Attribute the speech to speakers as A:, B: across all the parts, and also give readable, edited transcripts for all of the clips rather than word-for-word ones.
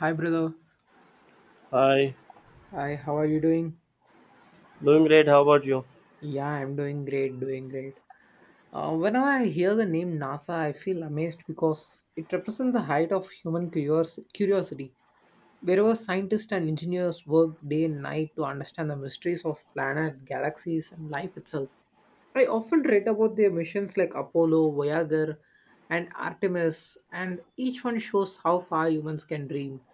A: Hi, brother.
B: Hi,
A: Hi, how are you doing?
B: doing great. How about you?
A: Yeah, I'm doing great, doing great. Whenever I hear the name NASA, I feel amazed because it represents the height of human curiosity. Wherever scientists and engineers work day and night to understand the mysteries of planet, galaxies, and life itself. I often read about their missions like Apollo, Voyager, and Artemis, and each one shows how far humans can dream.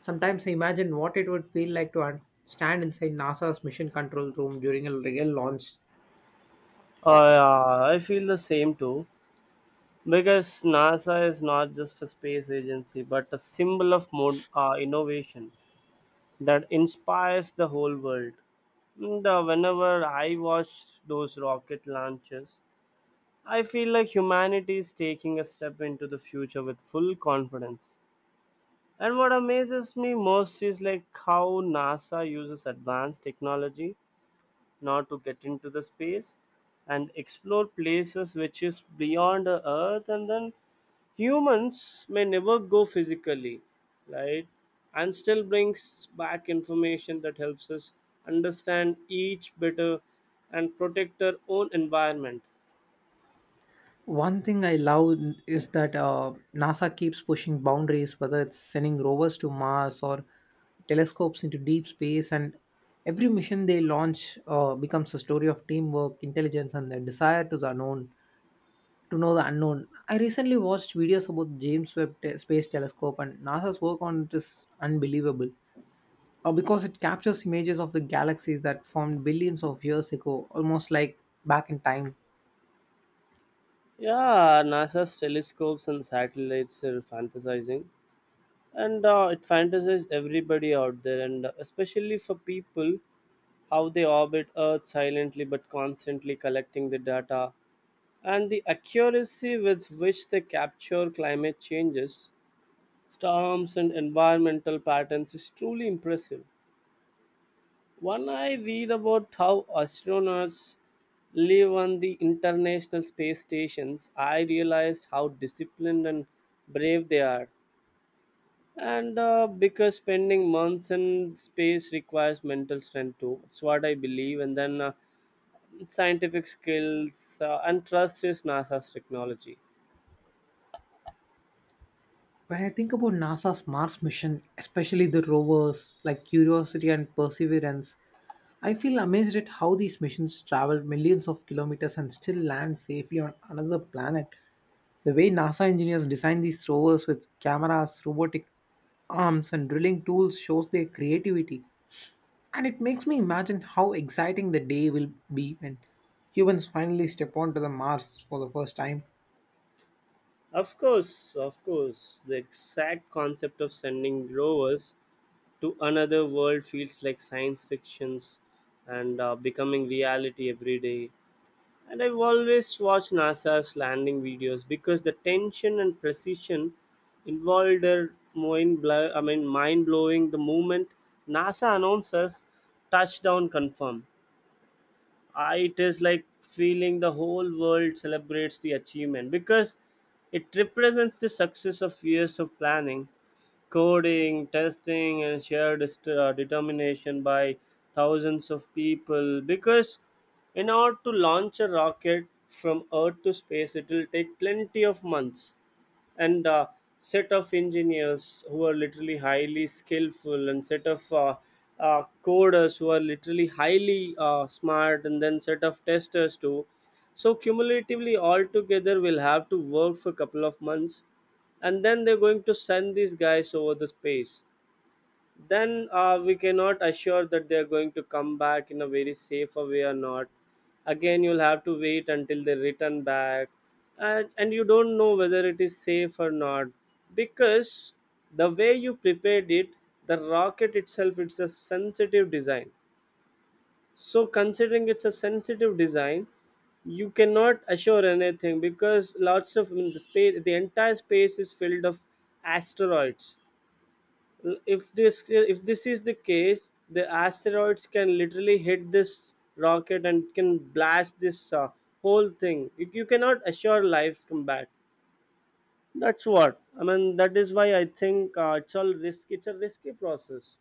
A: Sometimes I imagine what it would feel like to stand inside NASA's mission control room during a real launch.
B: Yeah, I feel the same too because NASA is not just a space agency but a symbol of innovation that inspires the whole world. Whenever I watch those rocket launches, I feel like humanity is taking a step into the future with full confidence. And what amazes me most is like how NASA uses advanced technology now to get into the space and explore places which is beyond the earth and then humans may never go physically, right, and still brings back information that helps us understand each better and protect our own environment.
A: One thing I love is that NASA keeps pushing boundaries, whether it's sending rovers to Mars or telescopes into deep space, and every mission they launch becomes a story of teamwork, intelligence, and the desire to know the unknown. I recently watched videos about James Space Telescope and NASA's work on it is unbelievable. Because it captures images of the galaxies that formed billions of years ago, almost like back in time.
B: Yeah, NASA's telescopes and satellites are fantasizing, and it fantasizes everybody out there, and especially for people how they orbit Earth silently but constantly collecting the data, and the accuracy with which they capture climate changes, storms, and environmental patterns is truly impressive. When I read about how astronauts live on the International Space Stations, I realized how disciplined and brave they are. And Because spending months in space requires mental strength too. It's what I believe. And then Scientific skills and trust is NASA's technology.
A: When I think about NASA's Mars mission, especially the rovers like Curiosity and Perseverance, I feel amazed at how these missions travel millions of kilometers and still land safely on another planet. The way NASA engineers design these rovers with cameras, robotic arms, and drilling tools shows their creativity. And it makes me imagine how exciting the day will be when humans finally step onto the Mars for the first time.
B: Of course, the exact concept of sending rovers to another world feels like science fictions, and becoming reality every day. And I've always watched NASA's landing videos because the tension and precision involved are mind blow. I mean, mind blowing. The moment NASA announces touchdown confirmed, it is like feeling the whole world celebrates the achievement because it represents the success of years of planning, coding, testing, and shared determination by thousands of people. Because in order to launch a rocket from Earth to space, it will take plenty of months, and set of engineers who are literally highly skillful, and set of coders who are literally highly smart, and then set of testers too. So cumulatively all together will have to work for a couple of months, and then they're going to send these guys over the space. Then we cannot assure that they are going to come back in a very safer way or not. Again, you'll have to wait until they return back, and you don't know whether it is safe or not, because the way you prepared it, the rocket itself, it's a sensitive design. So considering it's a sensitive design, you cannot assure anything, because lots of, I mean, the space, the entire space is filled of asteroids. If this, if this is the case, the asteroids can literally hit this rocket and can blast this whole thing. You you, cannot assure lives come back. That's what I mean. That is why I think it's all risk. It's a risky process.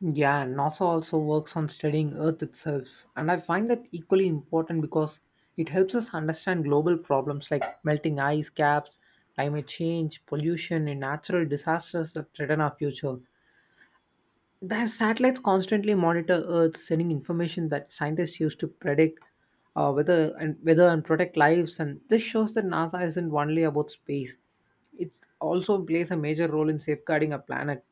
A: Yeah, NASA also works on studying Earth itself, and I find that equally important because it helps us understand global problems like melting ice caps, climate change, pollution, and natural disasters that threaten our future. The satellites constantly monitor Earth, sending information that scientists use to predict weather and protect lives. And this shows that NASA isn't only about space; it also plays a major role in safeguarding our planet.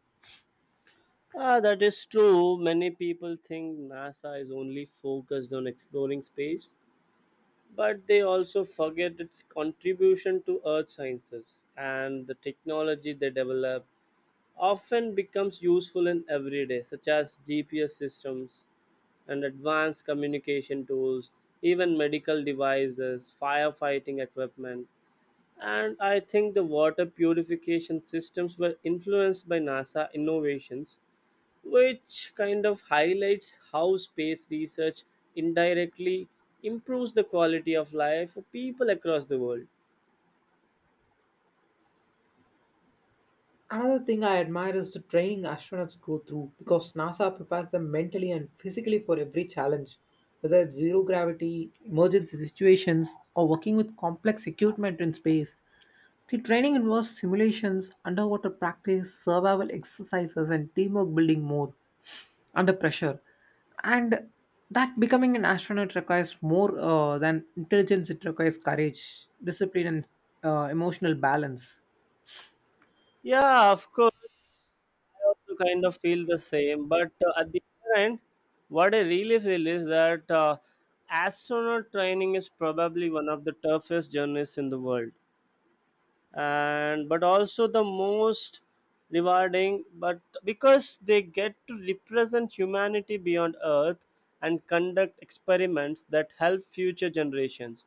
B: Ah, that is true. Many people think NASA is only focused on exploring space, but they also forget its contribution to earth sciences, and the technology they develop often becomes useful in everyday such as GPS systems and advanced communication tools, even medical devices, firefighting equipment. And I think the water purification systems were influenced by NASA innovations, which kind of highlights how space research indirectly improves the quality of life for people across the world.
A: Another thing I admire is the training astronauts go through because NASA prepares them mentally and physically for every challenge, whether it's zero gravity, emergency situations, or working with complex equipment in space. The training involves simulations, underwater practice, survival exercises, and teamwork building more under pressure. And that becoming an astronaut requires more than intelligence, it requires courage, discipline, and emotional balance.
B: Yeah, of course. I also kind of feel the same, but at the other end, what I really feel is that astronaut training is probably one of the toughest journeys in the world, and but also the most rewarding. But because they get to represent humanity beyond Earth and conduct experiments that help future generations,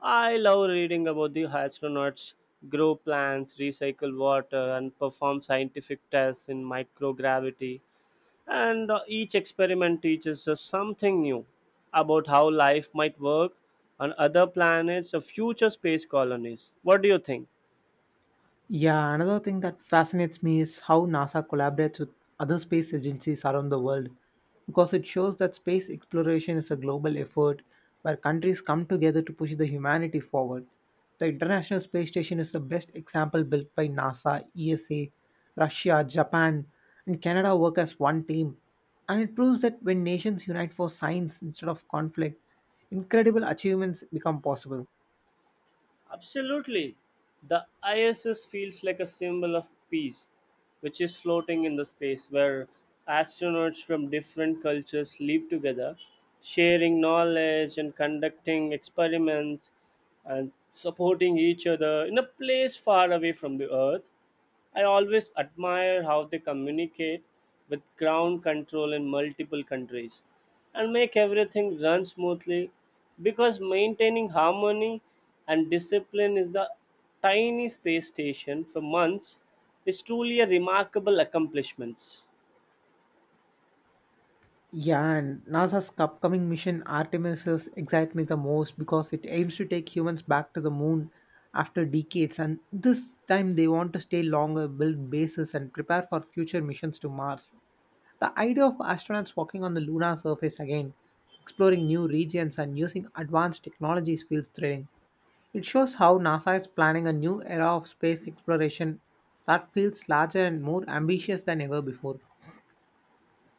B: I love reading about the astronauts, grow plants, recycle water, and perform scientific tests in microgravity. And Each experiment teaches us something new about how life might work on other planets or future space colonies. What do you think?
A: Yeah, another thing that fascinates me is how NASA collaborates with other space agencies around the world because it shows that space exploration is a global effort where countries come together to push the humanity forward. The International Space Station is the best example built by NASA, ESA, Russia, Japan, and Canada work as one team. And it proves that when nations unite for science instead of conflict, incredible achievements become possible.
B: Absolutely. The ISS feels like a symbol of peace, which is floating in the space where astronauts from different cultures live together, sharing knowledge and conducting experiments and supporting each other in a place far away from the Earth. I always admire how they communicate with ground control in multiple countries and make everything run smoothly, because maintaining harmony and discipline is the tiny space station for months is truly a remarkable accomplishment.
A: Yeah, and NASA's upcoming mission Artemis excites me the most because it aims to take humans back to the moon after decades, and this time they want to stay longer, build bases, and prepare for future missions to Mars. The idea of astronauts walking on the lunar surface again, exploring new regions, and using advanced technologies feels thrilling. It shows how NASA is planning a new era of space exploration that feels larger and more ambitious than ever before.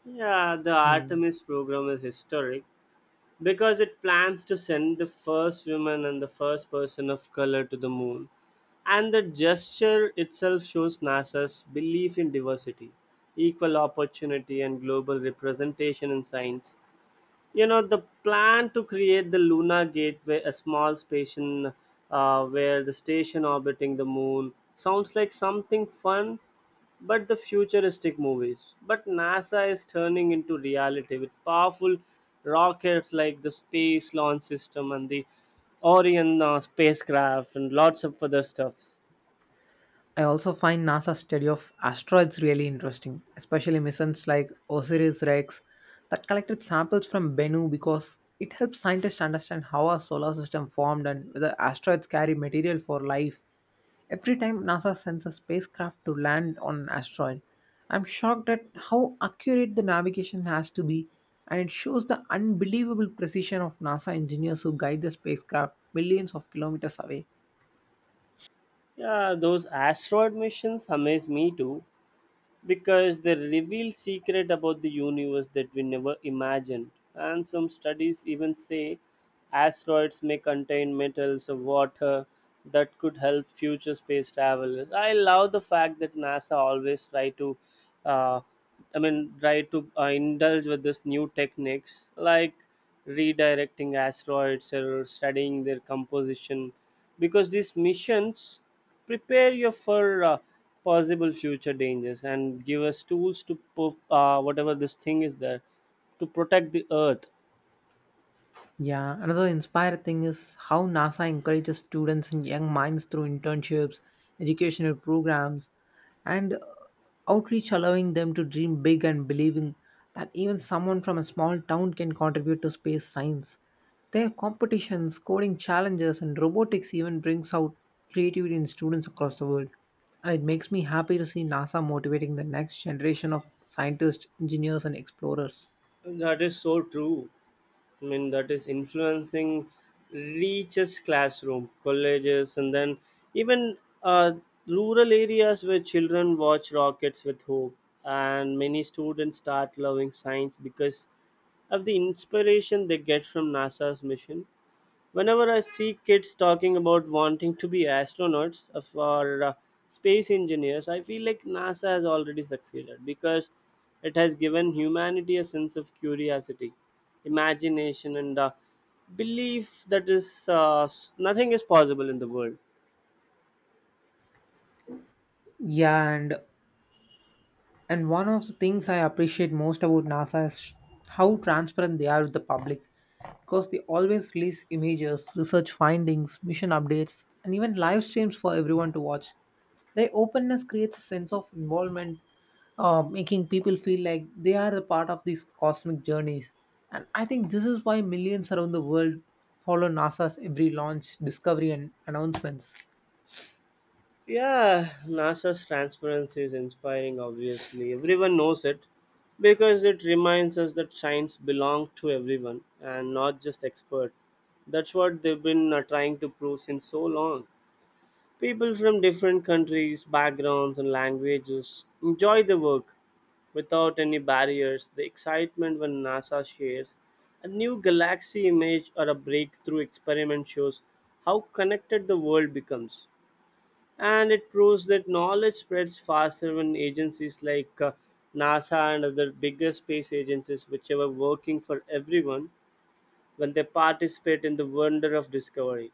B: Yeah, the
A: Hmm.
B: Artemis program is historic because it plans to send the first woman and the first person of color to the moon. And the gesture itself shows NASA's belief in diversity, equal opportunity, and global representation in science. You know, the plan to create the lunar gateway, a small station where the station orbiting the moon sounds like something fun but the futuristic movies, but NASA is turning into reality with powerful rockets like the space launch system and the Orion spacecraft and lots of other stuffs.
A: I also find NASA's study of asteroids really interesting, especially missions like OSIRIS REx that collected samples from Bennu because it helps scientists understand how our solar system formed and whether asteroids carry material for life. Every time NASA sends a spacecraft to land on an asteroid, I'm shocked at how accurate the navigation has to be, and it shows the unbelievable precision of NASA engineers who guide the spacecraft millions of kilometers away.
B: Yeah, those asteroid missions amaze me too because they reveal secret about the universe that we never imagined, and some studies even say asteroids may contain metals or water that could help future space travelers. I love the fact that NASA always try to uh, I mean try to indulge with this new techniques like redirecting asteroids or studying their composition, because these missions prepare you for possible future dangers and give us tools to whatever this thing is there, to protect the earth.
A: Yeah, another inspired thing is how NASA encourages students and young minds through internships, educational programs, and outreach, allowing them to dream big and believing that even someone from a small town can contribute to space science. Their competitions, coding challenges, and robotics even brings out creativity in students across the world. And it makes me happy to see NASA motivating the next generation of scientists, engineers, and explorers.
B: That is so true. I mean, that is influencing, reaches classroom, colleges, and then even uh, rural areas where children watch rockets with hope, and many students start loving science because of the inspiration they get from NASA's mission. Whenever I see kids talking about wanting to be astronauts or space engineers, I feel like NASA has already succeeded because it has given humanity a sense of curiosity, imagination, and belief that is nothing is possible in the world.
A: Yeah, and one of the things I appreciate most about NASA is how transparent they are with the public because they always release images, research findings, mission updates, and even live streams for everyone to watch. Their openness creates a sense of involvement, making people feel like they are a part of these cosmic journeys. And I think this is why millions around the world follow NASA's every launch, discovery, and announcements.
B: Yeah, NASA's transparency is inspiring, obviously. Everyone knows it because it reminds us that science belongs to everyone and not just experts. That's what they've been trying to prove since so long. People from different countries, backgrounds, and languages enjoy the work without any barriers. The excitement when NASA shares a new galaxy image or a breakthrough experiment shows how connected the world becomes, and it proves that knowledge spreads faster when agencies like NASA and other bigger space agencies, which are working for everyone, when they participate in the wonder of discovery.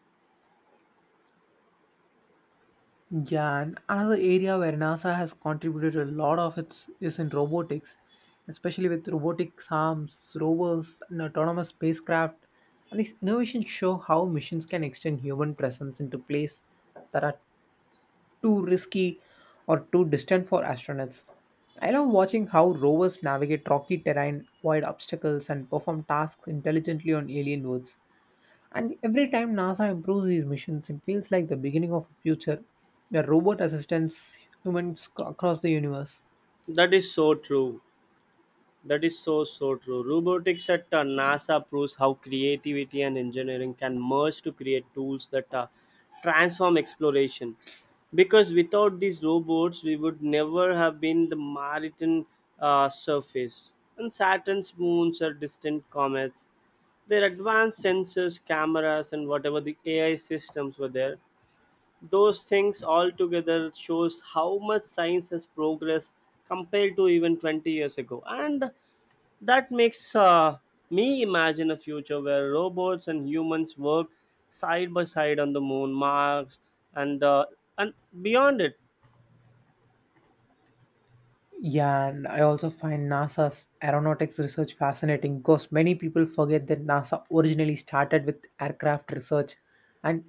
A: Yeah, and another area where NASA has contributed a lot of its is in robotics, especially with robotic arms, rovers, and autonomous spacecraft. And these innovations show how missions can extend human presence into places that are too risky or too distant for astronauts. I love watching how rovers navigate rocky terrain, avoid obstacles, and perform tasks intelligently on alien worlds. And every time NASA improves these missions, it feels like the beginning of a future where robot assistants across the universe.
B: That is so true. That is so so true. Robotics at NASA proves how creativity and engineering can merge to create tools that transform exploration. Because without these robots, we would never have been the Martian surface. And Saturn's moons are distant comets. Their advanced sensors, cameras, and whatever the AI systems were there, those things all together shows how much science has progressed compared to even 20 years ago. And that makes me imagine a future where robots and humans work side by side on the moon, Mars, and and beyond it.
A: Yeah, and I also find NASA's aeronautics research fascinating because many people forget that NASA originally started with aircraft research, and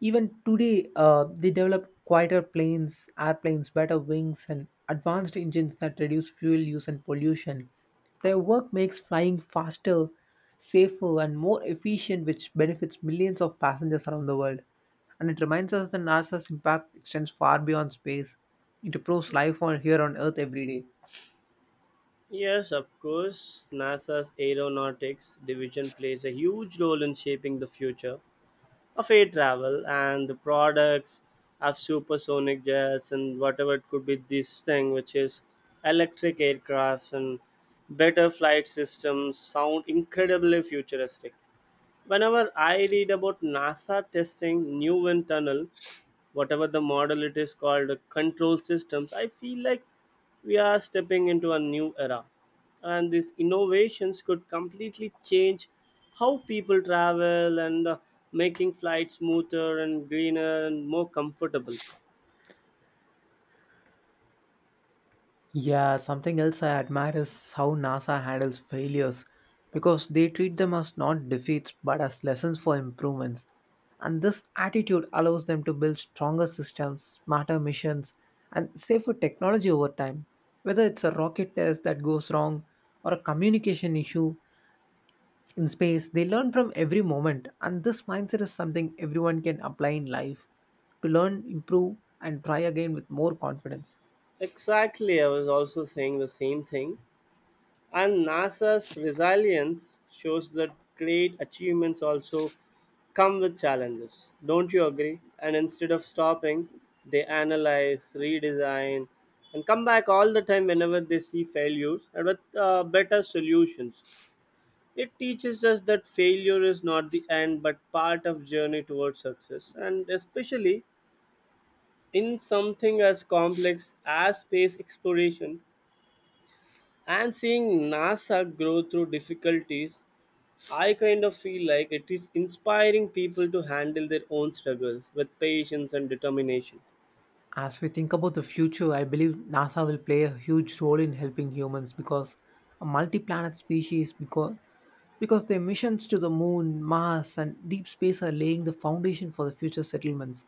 A: even today, they develop quieter planes, airplanes, better wings, and advanced engines that reduce fuel use and pollution. Their work makes flying faster, safer, and more efficient, which benefits millions of passengers around the world. And it reminds us that NASA's impact extends far beyond space. It improves life on here on Earth every day.
B: Yes, of course, NASA's aeronautics division plays a huge role in shaping the future of air travel, and the products of supersonic jets and whatever it could be this thing which is electric aircrafts and better flight systems sound incredibly futuristic. Whenever I read about NASA testing new wind tunnel, whatever the model it is called, the control systems, I feel like we are stepping into a new era. And these innovations could completely change how people travel, and making flights smoother and greener and more comfortable.
A: Yeah, something else I admire is how NASA handles failures because they treat them as not defeats but as lessons for improvements. And this attitude allows them to build stronger systems, smarter missions, and safer technology over time. Whether it's a rocket test that goes wrong or a communication issue, in space, they learn from every moment, and this mindset is something everyone can apply in life to learn, improve, and try again with more confidence.
B: Exactly, I was also saying the same thing. And NASA's resilience shows that great achievements also come with challenges. Don't you agree? And instead of stopping, they analyze, redesign, and come back all the time whenever they see failures, and with better solutions. It teaches us that failure is not the end but part of journey towards success. And especially in something as complex as space exploration, and seeing NASA grow through difficulties, I kind of feel like it is inspiring people to handle their own struggles with patience and determination.
A: As we think about the future, I believe NASA will play a huge role in helping humans because a multi-planet species because their missions to the moon, Mars, and deep space are laying the foundation for the future settlements.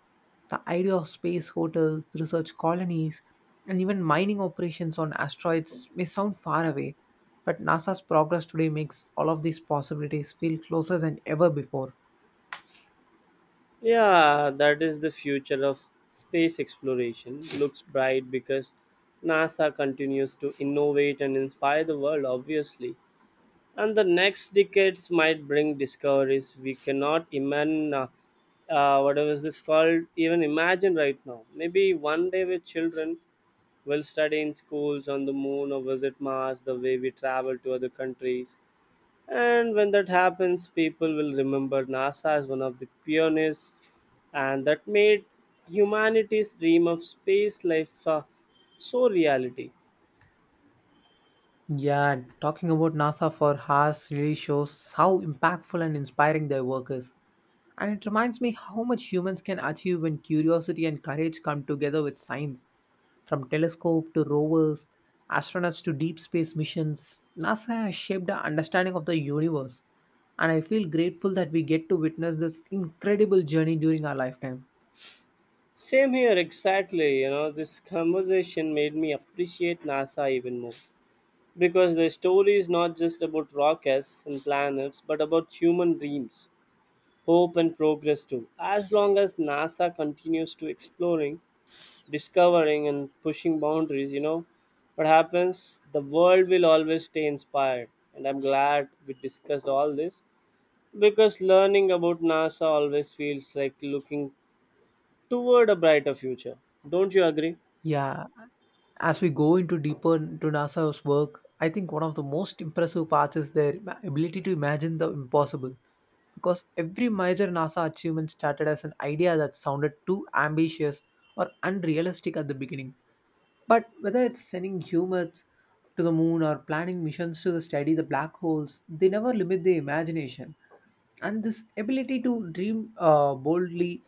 A: The idea of space hotels, research colonies, and even mining operations on asteroids may sound far away, but NASA's progress today makes all of these possibilities feel closer than ever before.
B: Yeah, that is the future of space exploration. Looks bright because NASA continues to innovate and inspire the world, obviously. And the next decades might bring discoveries we cannot imagine, whatever is this called, even imagine right now. Maybe one day with children will study in schools on the moon or visit Mars the way we travel to other countries. And when that happens, people will remember NASA as one of the pioneers and that made humanity's dream of space life so reality.
A: Yeah, and talking about NASA for hours really shows how impactful and inspiring their work is. And it reminds me how much humans can achieve when curiosity and courage come together with science. From telescope to rovers, astronauts to deep space missions, NASA has shaped our understanding of the universe. And I feel grateful that we get to witness this incredible journey during our lifetime.
B: Same here, exactly. You know, this conversation made me appreciate NASA even more because the story is not just about rockets and planets, but about human dreams, hope, and progress too. As long as NASA continues to exploring, discovering, and pushing boundaries, you know, what happens? The world will always stay inspired, and I'm glad we discussed all this because learning about NASA always feels like looking toward a brighter future. Don't you agree?
A: Yeah, as we go into deeper into NASA's work, I think one of the most impressive parts is their ability to imagine the impossible. Because every major NASA achievement started as an idea that sounded too ambitious or unrealistic at the beginning. But whether it's sending humans to the moon or planning missions to the study the black holes, they never limit their imagination, and this ability to dream boldly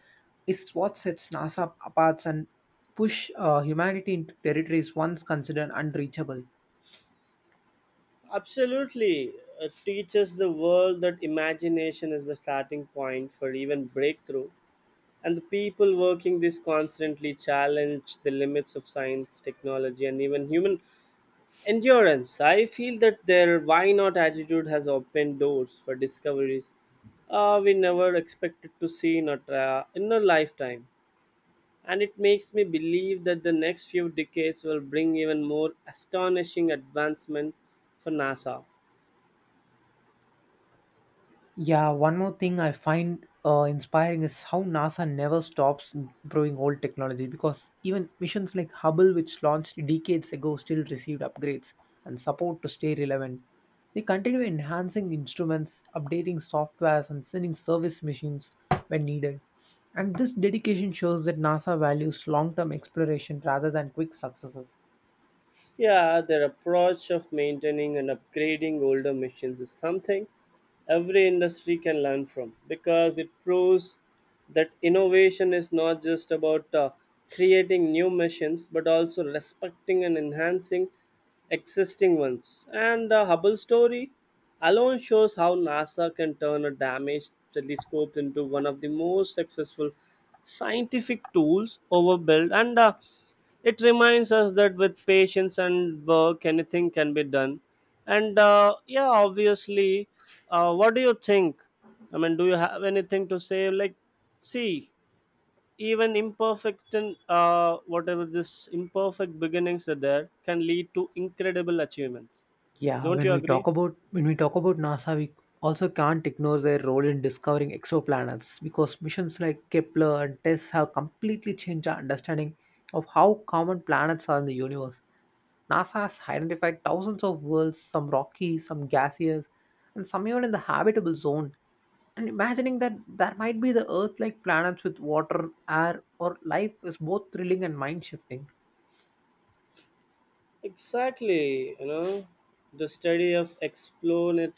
A: is what sets NASA apart and push humanity into territories once considered unreachable.
B: Absolutely. It teaches the world that imagination is the starting point for even breakthrough. And the people working this constantly challenge the limits of science, technology, and even human endurance. I feel that their why not attitude has opened doors for discoveries, we never expected to see in a, in a lifetime. And it makes me believe that the next few decades will bring even more astonishing advancement for NASA.
A: Yeah, one more thing I find inspiring is how NASA never stops improving old technology because even missions like Hubble, which launched decades ago, still received upgrades and support to stay relevant. They continue enhancing instruments, updating softwares, and sending service missions when needed. And this dedication shows that NASA values long term exploration rather than quick successes.
B: Yeah, their approach of maintaining and upgrading older machines is something every industry can learn from because it proves that innovation is not just about creating new machines but also respecting and enhancing existing ones. And the Hubble story alone shows how NASA can turn a damaged telescope into one of the most successful scientific tools over built. And it reminds us that with patience and work anything can be done. And yeah, obviously, what do you think? I mean, do you have anything to say, like, see, even imperfect and whatever this imperfect beginnings are there can lead to incredible achievements.
A: Yeah,
B: Don't
A: when
B: you
A: we
B: agree?
A: talk about when we talk about NASA, we also can't ignore their role in discovering exoplanets because missions like Kepler and TESS have completely changed our understanding of how common planets are in the universe. NASA has identified thousands of worlds, some rocky, some gaseous, and some even in the habitable zone. And imagining that there might be the Earth-like planets with water, air, or life is both thrilling and mind-shifting.
B: Exactly. You know, the study of explore it,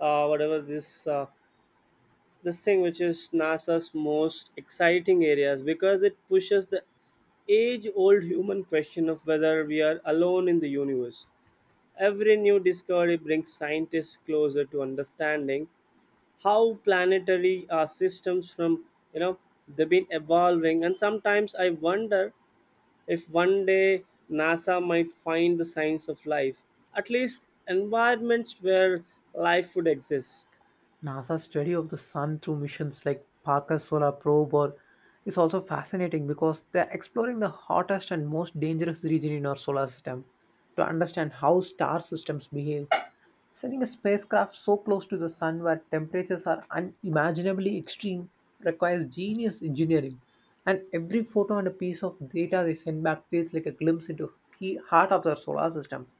B: whatever this thing which is NASA's most exciting areas because it pushes the age old human question of whether we are alone in the universe. Every new discovery brings scientists closer to understanding how planetary systems from, you know, they've been evolving, and sometimes I wonder if one day NASA might find the signs of life, at least environments where life would exist.
A: NASA's study of the sun through missions like Parker's Solar Probe or is also fascinating because they're exploring the hottest and most dangerous region in our solar system to understand how star systems behave. Sending a spacecraft so close to the sun where temperatures are unimaginably extreme requires genius engineering. And every photo and a piece of data they send back feels like a glimpse into the heart of their solar system.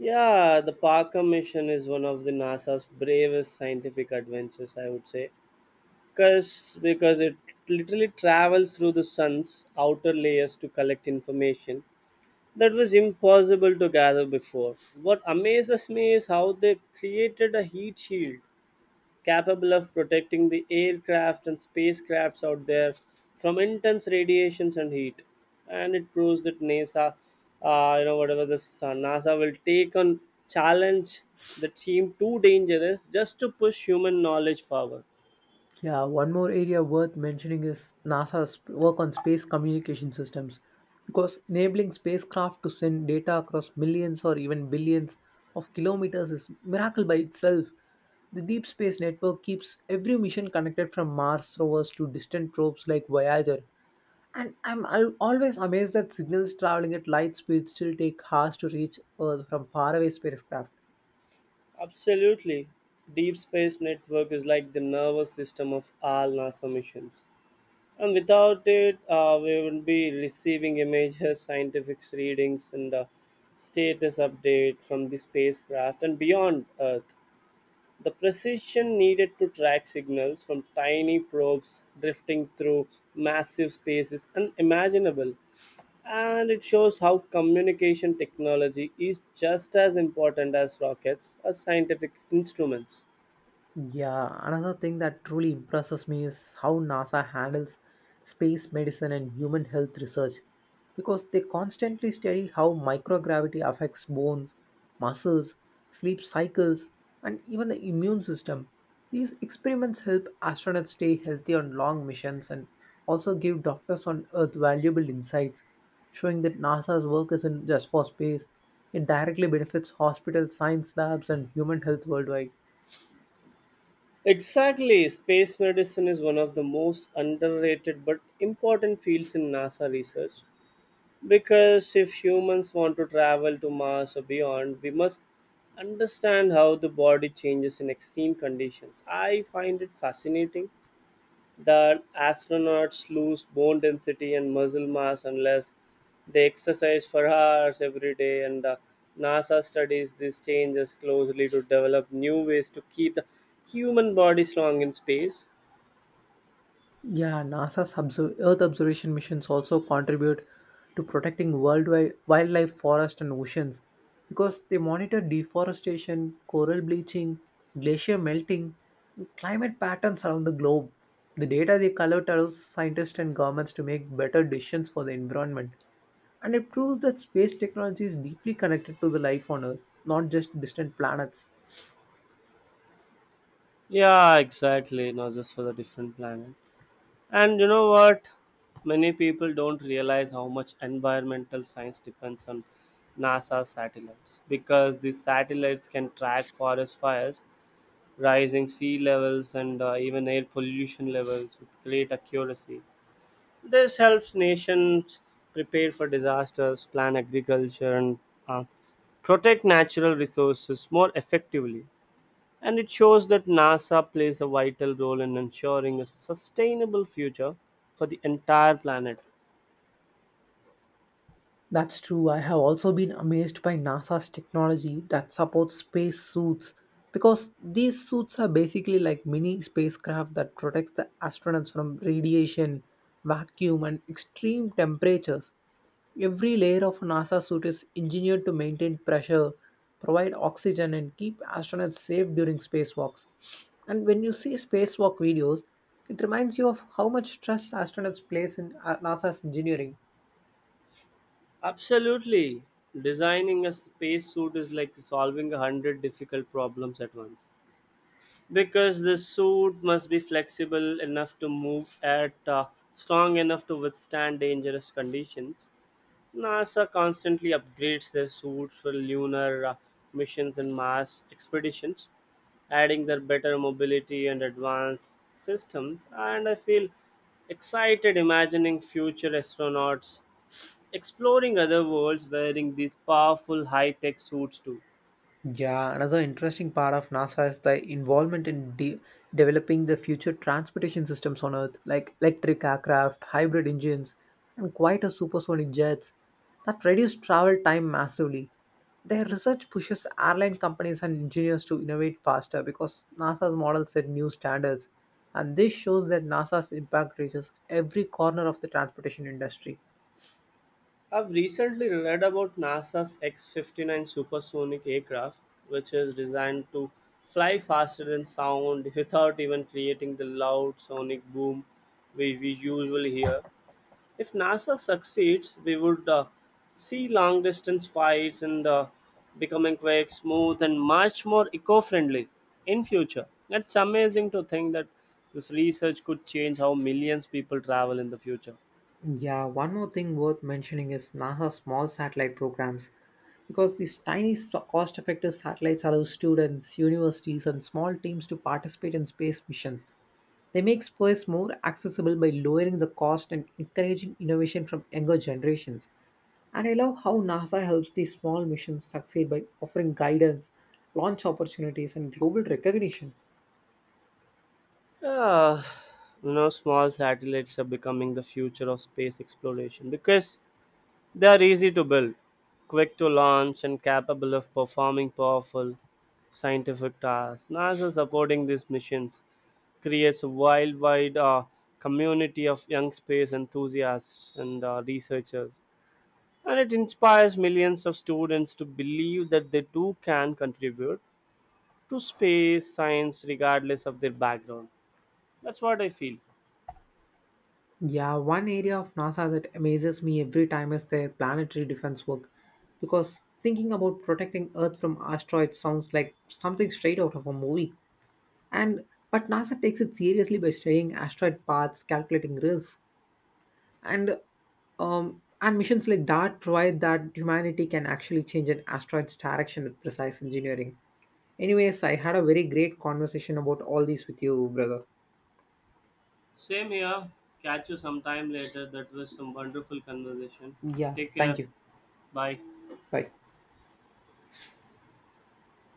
B: Yeah, the Parker mission is one of the NASA's bravest scientific adventures, I would say. Because it literally travels through the sun's outer layers to collect information that was impossible to gather before. What amazes me is how they created a heat shield capable of protecting the aircraft and spacecrafts out there from intense radiations and heat. And it proves that NASA, you know, whatever this NASA will take on challenge that seem too dangerous just to push human knowledge forward.
A: Yeah, one more area worth mentioning is NASA's work on space communication systems because enabling spacecraft to send data across millions or even billions of kilometers is miracle by itself. The deep space network keeps every mission connected from Mars rovers to distant probes like Voyager. And I'm always amazed that signals traveling at light speed still take hours to reach Earth from faraway spacecraft.
B: Absolutely. Deep Space Network is like the nervous system of all NASA missions. And without it, we will be receiving images, scientific readings, and status update from the spacecraft and beyond Earth. The precision needed to track signals from tiny probes drifting through massive space is unimaginable. And it shows how communication technology is just as important as rockets or scientific instruments.
A: Yeah, another thing that truly impresses me is how NASA handles space medicine and human health research because they constantly study how microgravity affects bones, muscles, sleep cycles, and even the immune system. These experiments help astronauts stay healthy on long missions and also give doctors on Earth valuable insights, showing that NASA's work isn't just for space, it directly benefits hospital science labs and human health worldwide.
B: Exactly. Space medicine is one of the most underrated but important fields in NASA research because if humans want to travel to Mars or beyond, we must understand how the body changes in extreme conditions. I find it fascinating the astronauts lose bone density and muscle mass unless they exercise for hours every day, and the NASA studies these changes closely to develop new ways to keep the human body strong in space.
A: Yeah, NASA's Earth observation missions also contribute to protecting worldwide wildlife, forests, and oceans because they monitor deforestation, coral bleaching, glacier melting, and climate patterns around the globe. The data they collect allows scientists and governments to make better decisions for the environment, and it proves that space technology is deeply connected to the life on Earth, not just distant planets.
B: Yeah, exactly. Not just for the different planet. And you know what? Many people don't realize how much environmental science depends on NASA satellites because these satellites can track forest fires, rising sea levels, and even air pollution levels with great accuracy. This helps nations prepare for disasters, plan agriculture, and uh, protect natural resources more effectively. And it shows that NASA plays a vital role in ensuring a sustainable future for the entire planet.
A: That's true. I have also been amazed by NASA's technology that supports space suits because these suits are basically like mini spacecraft that protects the astronauts from radiation, vacuum and extreme temperatures. Every layer of a NASA suit is engineered to maintain pressure, provide oxygen and keep astronauts safe during spacewalks. And when you see spacewalk videos, it reminds you of how much trust astronauts place in NASA's engineering.
B: Absolutely. Designing a spacesuit is like solving 100 difficult problems at once. Because the suit must be flexible enough to move at, strong enough to withstand dangerous conditions. NASA constantly upgrades their suits for lunar missions and Mars expeditions, adding their better mobility and advanced systems, and I feel excited imagining future astronauts exploring other worlds wearing these powerful high-tech suits too.
A: Yeah, another interesting part of NASA is the involvement in developing the future transportation systems on Earth, like electric aircraft, hybrid engines, and quieter supersonic jets that reduce travel time massively. Their research pushes airline companies and engineers to innovate faster because NASA's model set new standards, and this shows that NASA's impact reaches every corner of the transportation industry.
B: I've recently read about NASA's X 59 supersonic aircraft, which is designed to fly faster than sound without even creating the loud sonic boom we usually hear. If NASA succeeds, we would, see long distance flights and, becoming quick, smooth, and much more eco friendly in future. It's amazing to think that this research could change how millions people travel in the future.
A: Yeah, one more thing worth mentioning is NASA's small satellite programs because these tiny cost-effective satellites allow students, universities and small teams to participate in space missions. They make space more accessible by lowering the cost and encouraging innovation from younger generations. And I love how NASA helps these small missions succeed by offering guidance, launch opportunities and global recognition.
B: Yeah, you know, small satellites are becoming the future of space exploration because they are easy to build, quick to launch, and capable of performing powerful scientific tasks. NASA supporting these missions creates a worldwide community of young space enthusiasts and, researchers, and it inspires millions of students to believe that they too can contribute to space science regardless of their background. That's what I feel.
A: Yeah, one area of NASA that amazes me every time is their planetary defense work. Because thinking about protecting Earth from asteroids sounds like something straight out of a movie. And but NASA takes it seriously by studying asteroid paths, calculating risks, and and missions like DART provide that humanity can actually change an asteroid's direction with precise engineering. Anyways, I had a very great conversation about all these with you, brother.
B: Same here. Catch you sometime later. That was some wonderful conversation.
A: Yeah,
B: Take
A: thank
B: care.
A: you.
B: Bye.
A: Bye.